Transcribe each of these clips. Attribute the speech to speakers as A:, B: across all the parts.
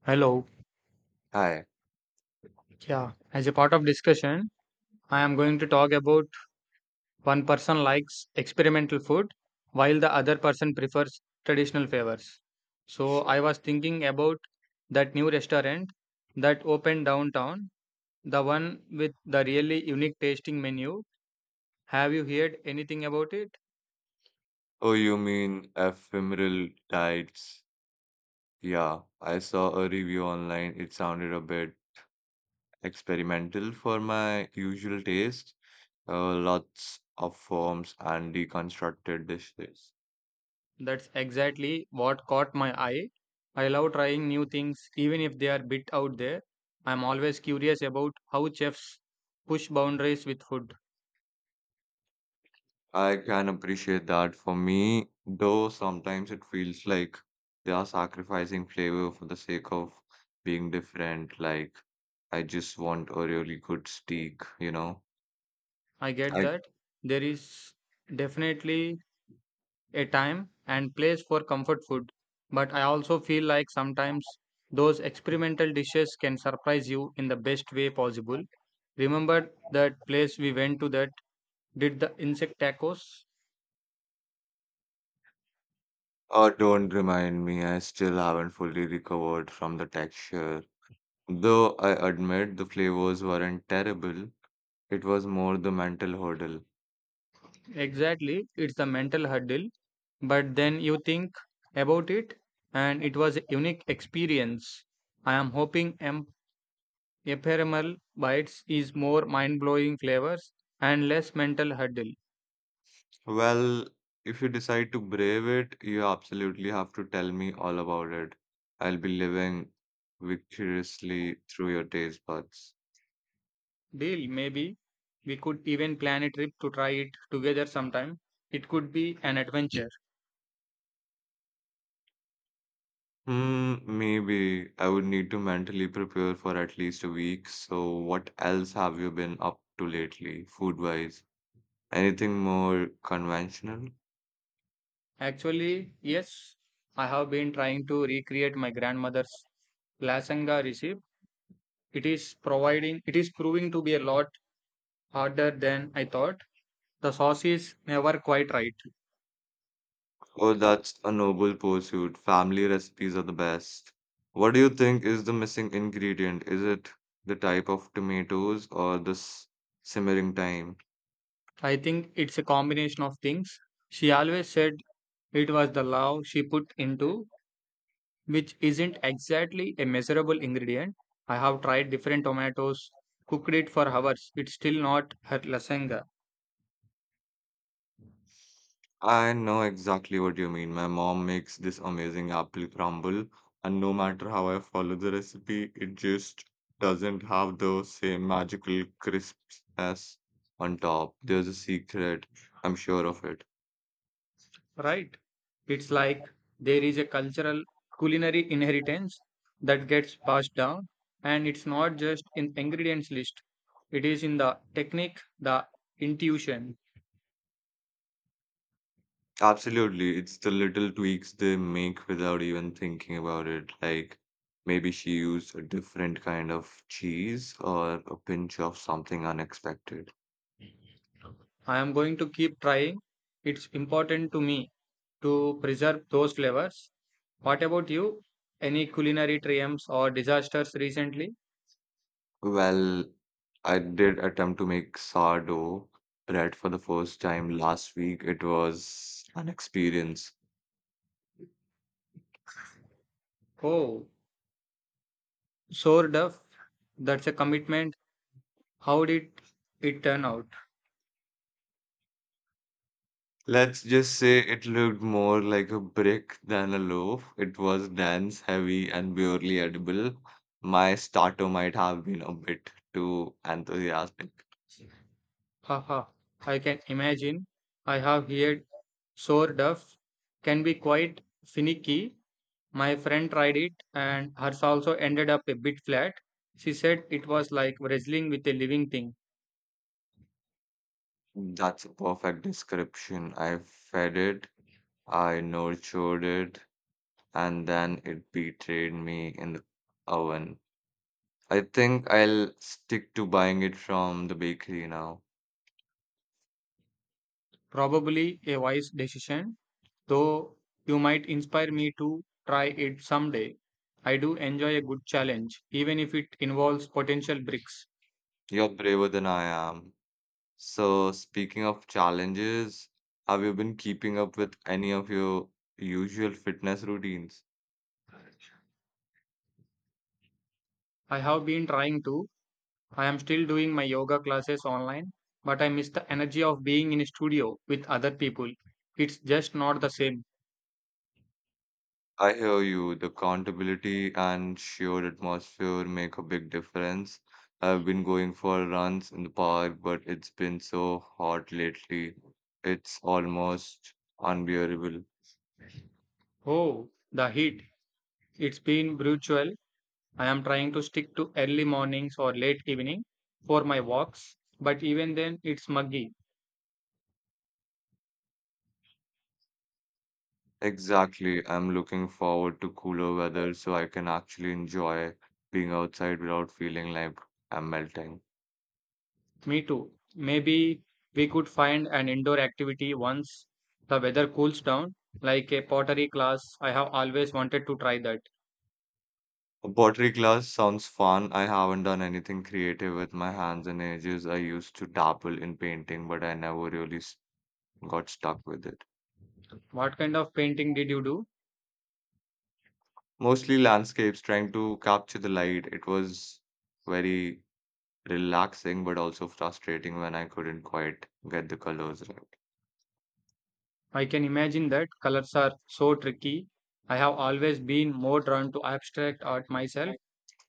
A: Hello.
B: Hi.
A: Yeah. As a part of discussion, I am going to talk about one person likes experimental food while the other person prefers traditional favors. So
B: Sure.
A: I was thinking about that new restaurant that opened downtown, the one with the really unique tasting menu. Have you heard anything about it?
B: Oh, you mean ephemeral tides? Yeah, I saw a review online. It sounded a bit experimental for my usual taste. Lots of forms and deconstructed dishes.
A: That's exactly what caught my eye. I love trying new things even if they are a bit out there. I'm always curious about how chefs push boundaries with food.
B: I can appreciate that for me, though sometimes it feels like they are sacrificing flavor for the sake of being different. Like, I just want a really good steak, you know?
A: I get
B: I.
A: that. There is definitely a time and place for comfort food, but I also feel like sometimes those experimental dishes can surprise you in the best way possible. Remember that place we went to that did the insect tacos?
B: Oh, don't remind me, I still haven't fully recovered from the texture. Though I admit the flavors weren't terrible, it was more the mental hurdle.
A: Exactly, it's the mental hurdle, but then you think about it and it was a unique experience. I am hoping I'm Ephemeral bites is more mind blowing flavors and less mental hurdle.
B: Well, if you decide to brave it, you absolutely have to tell me all about it. I'll be living victoriously through your taste buds.
A: Deal, maybe we could even plan a trip to try it together sometime. It could be an adventure.
B: Hmm, maybe I would need to mentally prepare for at least a week. So, what else have you been up to lately, food-wise? Anything more conventional?
A: Actually, yes, I have been trying to recreate my grandmother's lasagna recipe. It is providing it is proving to be a lot harder than I thought. The sauce is never quite right.
B: Oh, that's a noble pursuit. Family recipes are the best. What do you think is the missing ingredient? Is it the type of tomatoes or the simmering time?
A: I think it's a combination of things. She always said it was the love she put into which isn't exactly a measurable ingredient. I have tried different tomatoes, cooked it for hours. It's still not her lasagna,
B: I know exactly what you mean. My mom makes this amazing apple crumble, and no matter how I follow the recipe, it just doesn't have the same magical crispness on top. There's a secret. I'm sure of it.
A: right? It's like there is a cultural culinary inheritance that gets passed down, and it's not just in ingredients list. It is in the technique, the intuition.
B: Absolutely. It's the little tweaks they make without even thinking about it. Like maybe she used a different kind of cheese or a pinch of something unexpected.
A: I am going to keep trying. It's important to me to preserve those flavors. What about you? Any culinary triumphs or disasters recently?
B: Well, I did attempt to make sourdough bread for the first time last week. It was an experience.
A: Oh, sore duff. That's a commitment. How did it turn out?
B: Let's just say it looked more like a brick than a loaf. It was dense, heavy, and barely edible. My starter might have been a bit too enthusiastic.
A: Haha, I can imagine. I have heard sore duff can be quite finicky. My friend tried it and hers also ended up a bit flat. She said it was like wrestling with a living thing.
B: That's a perfect description. I fed it, I nurtured it, and then it betrayed me in the oven. I think I'll stick to buying it from the bakery now.
A: Probably a wise decision, though you might inspire me to try it someday. I do enjoy a good challenge, even if it involves potential bricks.
B: You're braver than I am. So, speaking of challenges, have you been keeping up with any of your usual fitness routines?
A: I have been trying to. I am still doing my yoga classes online, but I miss the energy of being in a studio with other people. It's just not the same.
B: I hear you, the accountability and shared atmosphere make a big difference. I've been going for runs in the park, but it's been so hot lately. It's almost unbearable.
A: Oh, the heat. It's been brutal. I am trying to stick to early mornings or late evening for my walks, but even then it's muggy.
B: Exactly. I'm looking forward to cooler weather so I can actually enjoy being outside without feeling like I'm melting.
A: Me too. Maybe we could find an indoor activity once the weather cools down, like a pottery class. I have always wanted to try that.
B: Pottery class sounds fun. I haven't done anything creative with my hands in ages. I used to dabble in painting, but I never really got stuck with it.
A: What kind of painting did you do?
B: Mostly landscapes, trying to capture the light. It was very relaxing, but also frustrating when I couldn't quite get the colors right.
A: I can imagine that colors are so tricky. I have always been more drawn to abstract art myself.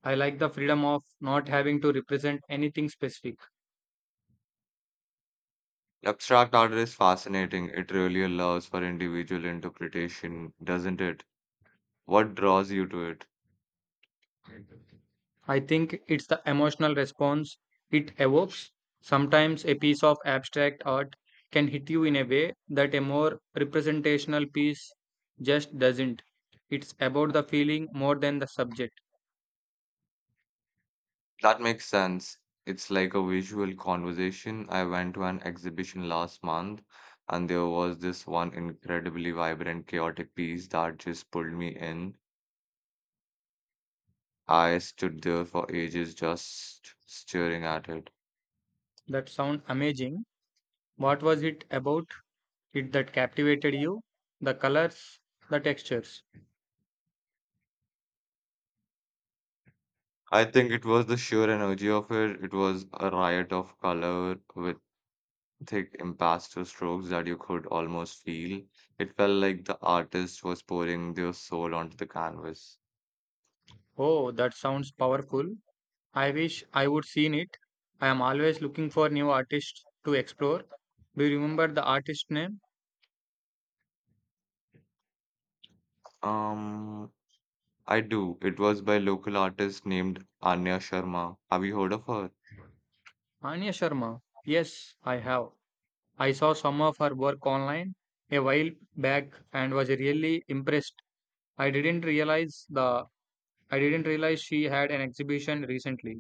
A: I like the freedom of not having to represent anything specific.
B: Abstract art is fascinating. It really allows for individual interpretation, doesn't it? What draws you to it?
A: I think it's the emotional response it evokes. Sometimes a piece of abstract art can hit you in a way that a more representational piece just doesn't. It's about the feeling more than the subject.
B: That makes sense. It's like a visual conversation. I went to an exhibition last month, and there was this one incredibly vibrant, chaotic piece that just pulled me in. I stood there for ages just staring at it.
A: That sounds amazing. What was it about it that captivated you? The colors, the textures.
B: I think it was the sheer energy of it. It was a riot of color with thick impasto strokes that you could almost feel. It felt like the artist was pouring their soul onto the canvas.
A: Oh, that sounds powerful. I wish I would seen it. I am always looking for new artists to explore. Do you remember the artist name?
B: Um, I do. It was by local artist named Anya Sharma. Have you heard of her?
A: Anya Sharma. Yes, I have. I saw some of her work online a while back and was really impressed. I didn't realize the I didn't realize she had an exhibition recently.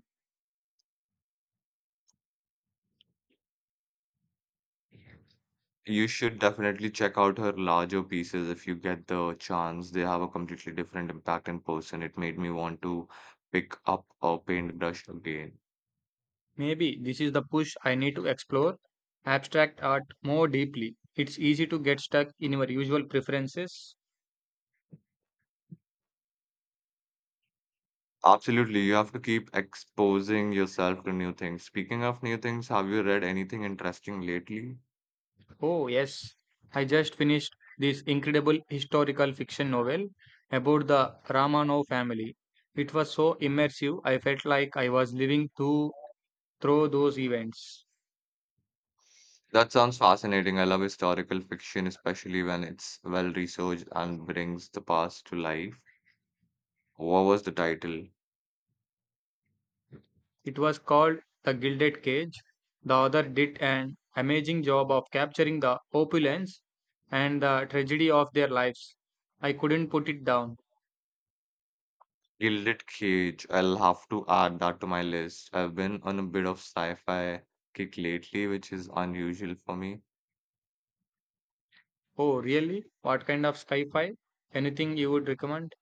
B: You should definitely check out her larger pieces if you get the chance. They have a completely different impact in person. It made me want to pick up a paintbrush again.
A: Maybe this is the push I need to explore abstract art more deeply. It's easy to get stuck in your usual preferences.
B: Absolutely, you have to keep exposing yourself to new things. Speaking of new things, have you read anything interesting lately?
A: Oh, yes. I just finished this incredible historical fiction novel about the Ramanov family. It was so immersive, I felt like I was living through those events.
B: That sounds fascinating. I love historical fiction, especially when it's well researched and brings the past to life. What was the title?
A: It was called The Gilded Cage. The author did an amazing job of capturing the opulence and the tragedy of their lives. I couldn't put it down.
B: Gilded Cage. I'll have to add that to my list. I've been on a bit of sci-fi kick lately, which is unusual for me.
A: Oh, really? What kind of sci fi? Anything you would recommend?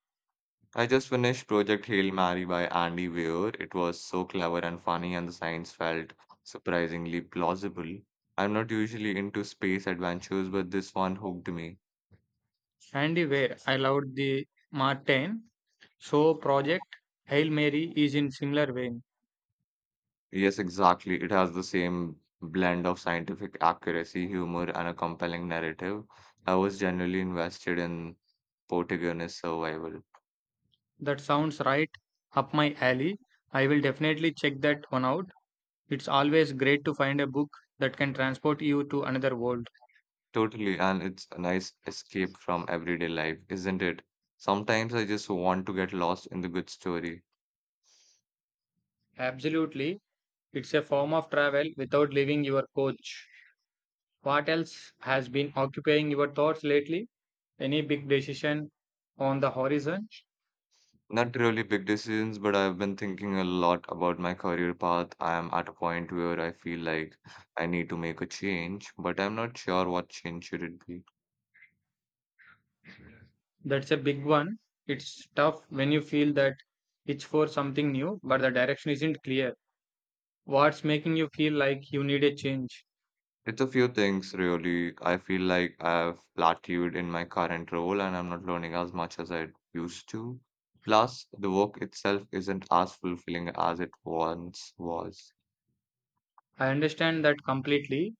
B: I just finished Project Hail Mary by Andy Weir. It was so clever and funny, and the science felt surprisingly plausible. I'm not usually into space adventures, but this one hooked me.
A: Andy Weir. I loved the Martin. So Project Hail Mary is in similar vein.
B: Yes, exactly. It has the same blend of scientific accuracy, humor, and a compelling narrative. I was genuinely invested in protagonist survival.
A: That sounds right up my alley. I will definitely check that one out. It's always great to find a book that can transport you to another world.
B: Totally, and it's a nice escape from everyday life, isn't it? Sometimes I just want to get lost in the good story.
A: Absolutely. It's a form of travel without leaving your coach. What else has been occupying your thoughts lately? Any big decision on the horizon?
B: Not really big decisions, but I've been thinking a lot about my career path. I am at a point where I feel like I need to make a change, but I'm not sure what change should it be.
A: That's a big one. It's tough when you feel that it's for something new, but the direction isn't clear. What's making you feel like you need a change?
B: It's a few things, really. I feel like I've plateaued in my current role and I'm not learning as much as I used to. Plus, the work itself isn't as fulfilling as it once was.
A: I understand that completely.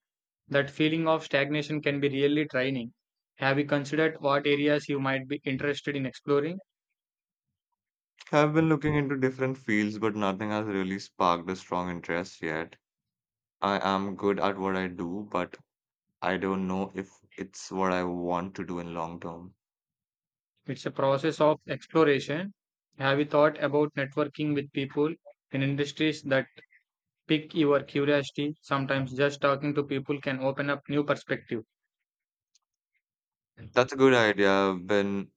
A: That feeling of stagnation can be really draining. Have you considered what areas you might be interested in exploring?
B: I've been looking into different fields, but nothing has really sparked a strong interest yet. I am good at what I do, but I don't know if it's what I want to do in long term.
A: It's a process of exploration. Have you thought about networking with people in industries that pique your curiosity? Sometimes just talking to people can open up new perspective.
B: That's a good idea. I've been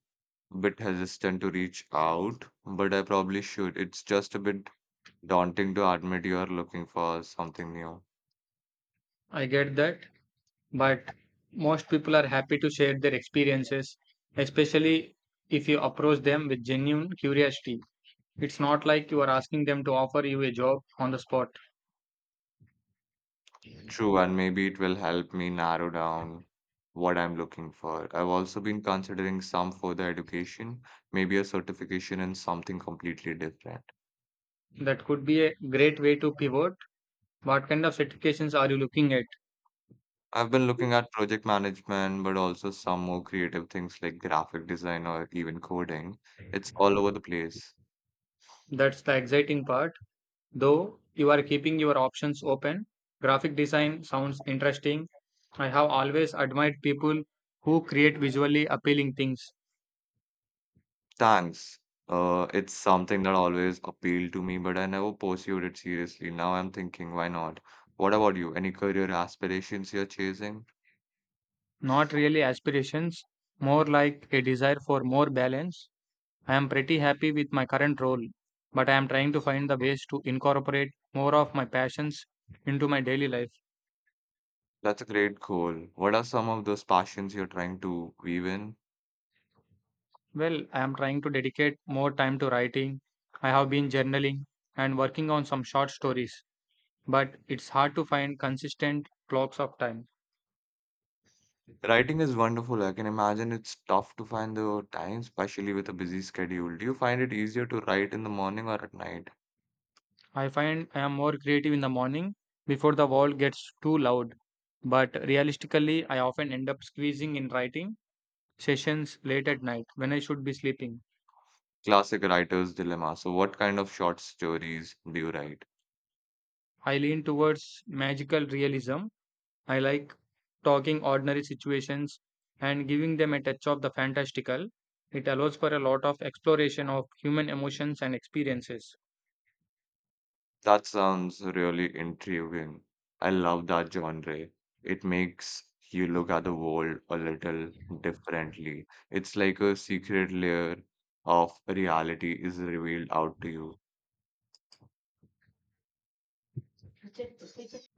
B: a bit hesitant to reach out, but I probably should. It's just a bit daunting to admit you are looking for something new.
A: I get that, but most people are happy to share their experiences, especially if you approach them with genuine curiosity. It's not like you are asking them to offer you a job on the spot.
B: True, and maybe it will help me narrow down what I'm looking for. I've also been considering some further education, maybe a certification in something completely different.
A: That could be a great way to pivot. What kind of certifications are you looking at?
B: I've been looking at project management, but also some more creative things like graphic design or even coding. It's all over the place.
A: That's the exciting part. Though you are keeping your options open, graphic design sounds interesting. I have always admired people who create visually appealing things,
B: Thanks. It's something that always appealed to me, but I never pursued it seriously. Now I'm thinking, why not? What about you? Any career aspirations you're chasing?
A: not really aspirations, more like a desire for more balance. I am pretty happy with my current role, but I am trying to find the ways to incorporate more of my passions into my daily life.
B: That's a great goal. What are some of those passions you're trying to weave in?
A: Well, I am trying to dedicate more time to writing. I have been journaling and working on some short stories, but it's hard to find consistent blocks of time.
B: Writing is wonderful. I can imagine it's tough to find the time, especially with a busy schedule. Do you find it easier to write in the morning or at night?
A: I find I am more creative in the morning before the world gets too loud, but realistically, I often end up squeezing in writing sessions late at night when I should be sleeping.
B: Classic writer's dilemma. So, what kind of short stories do you write?
A: I lean towards magical realism I like talking ordinary situations and giving them a touch of the fantastical. It allows for a lot of exploration of human emotions and experiences.
B: That sounds really intriguing. I love that genre. It makes you look at the world a little differently. It's like a secret layer of reality is revealed out to you.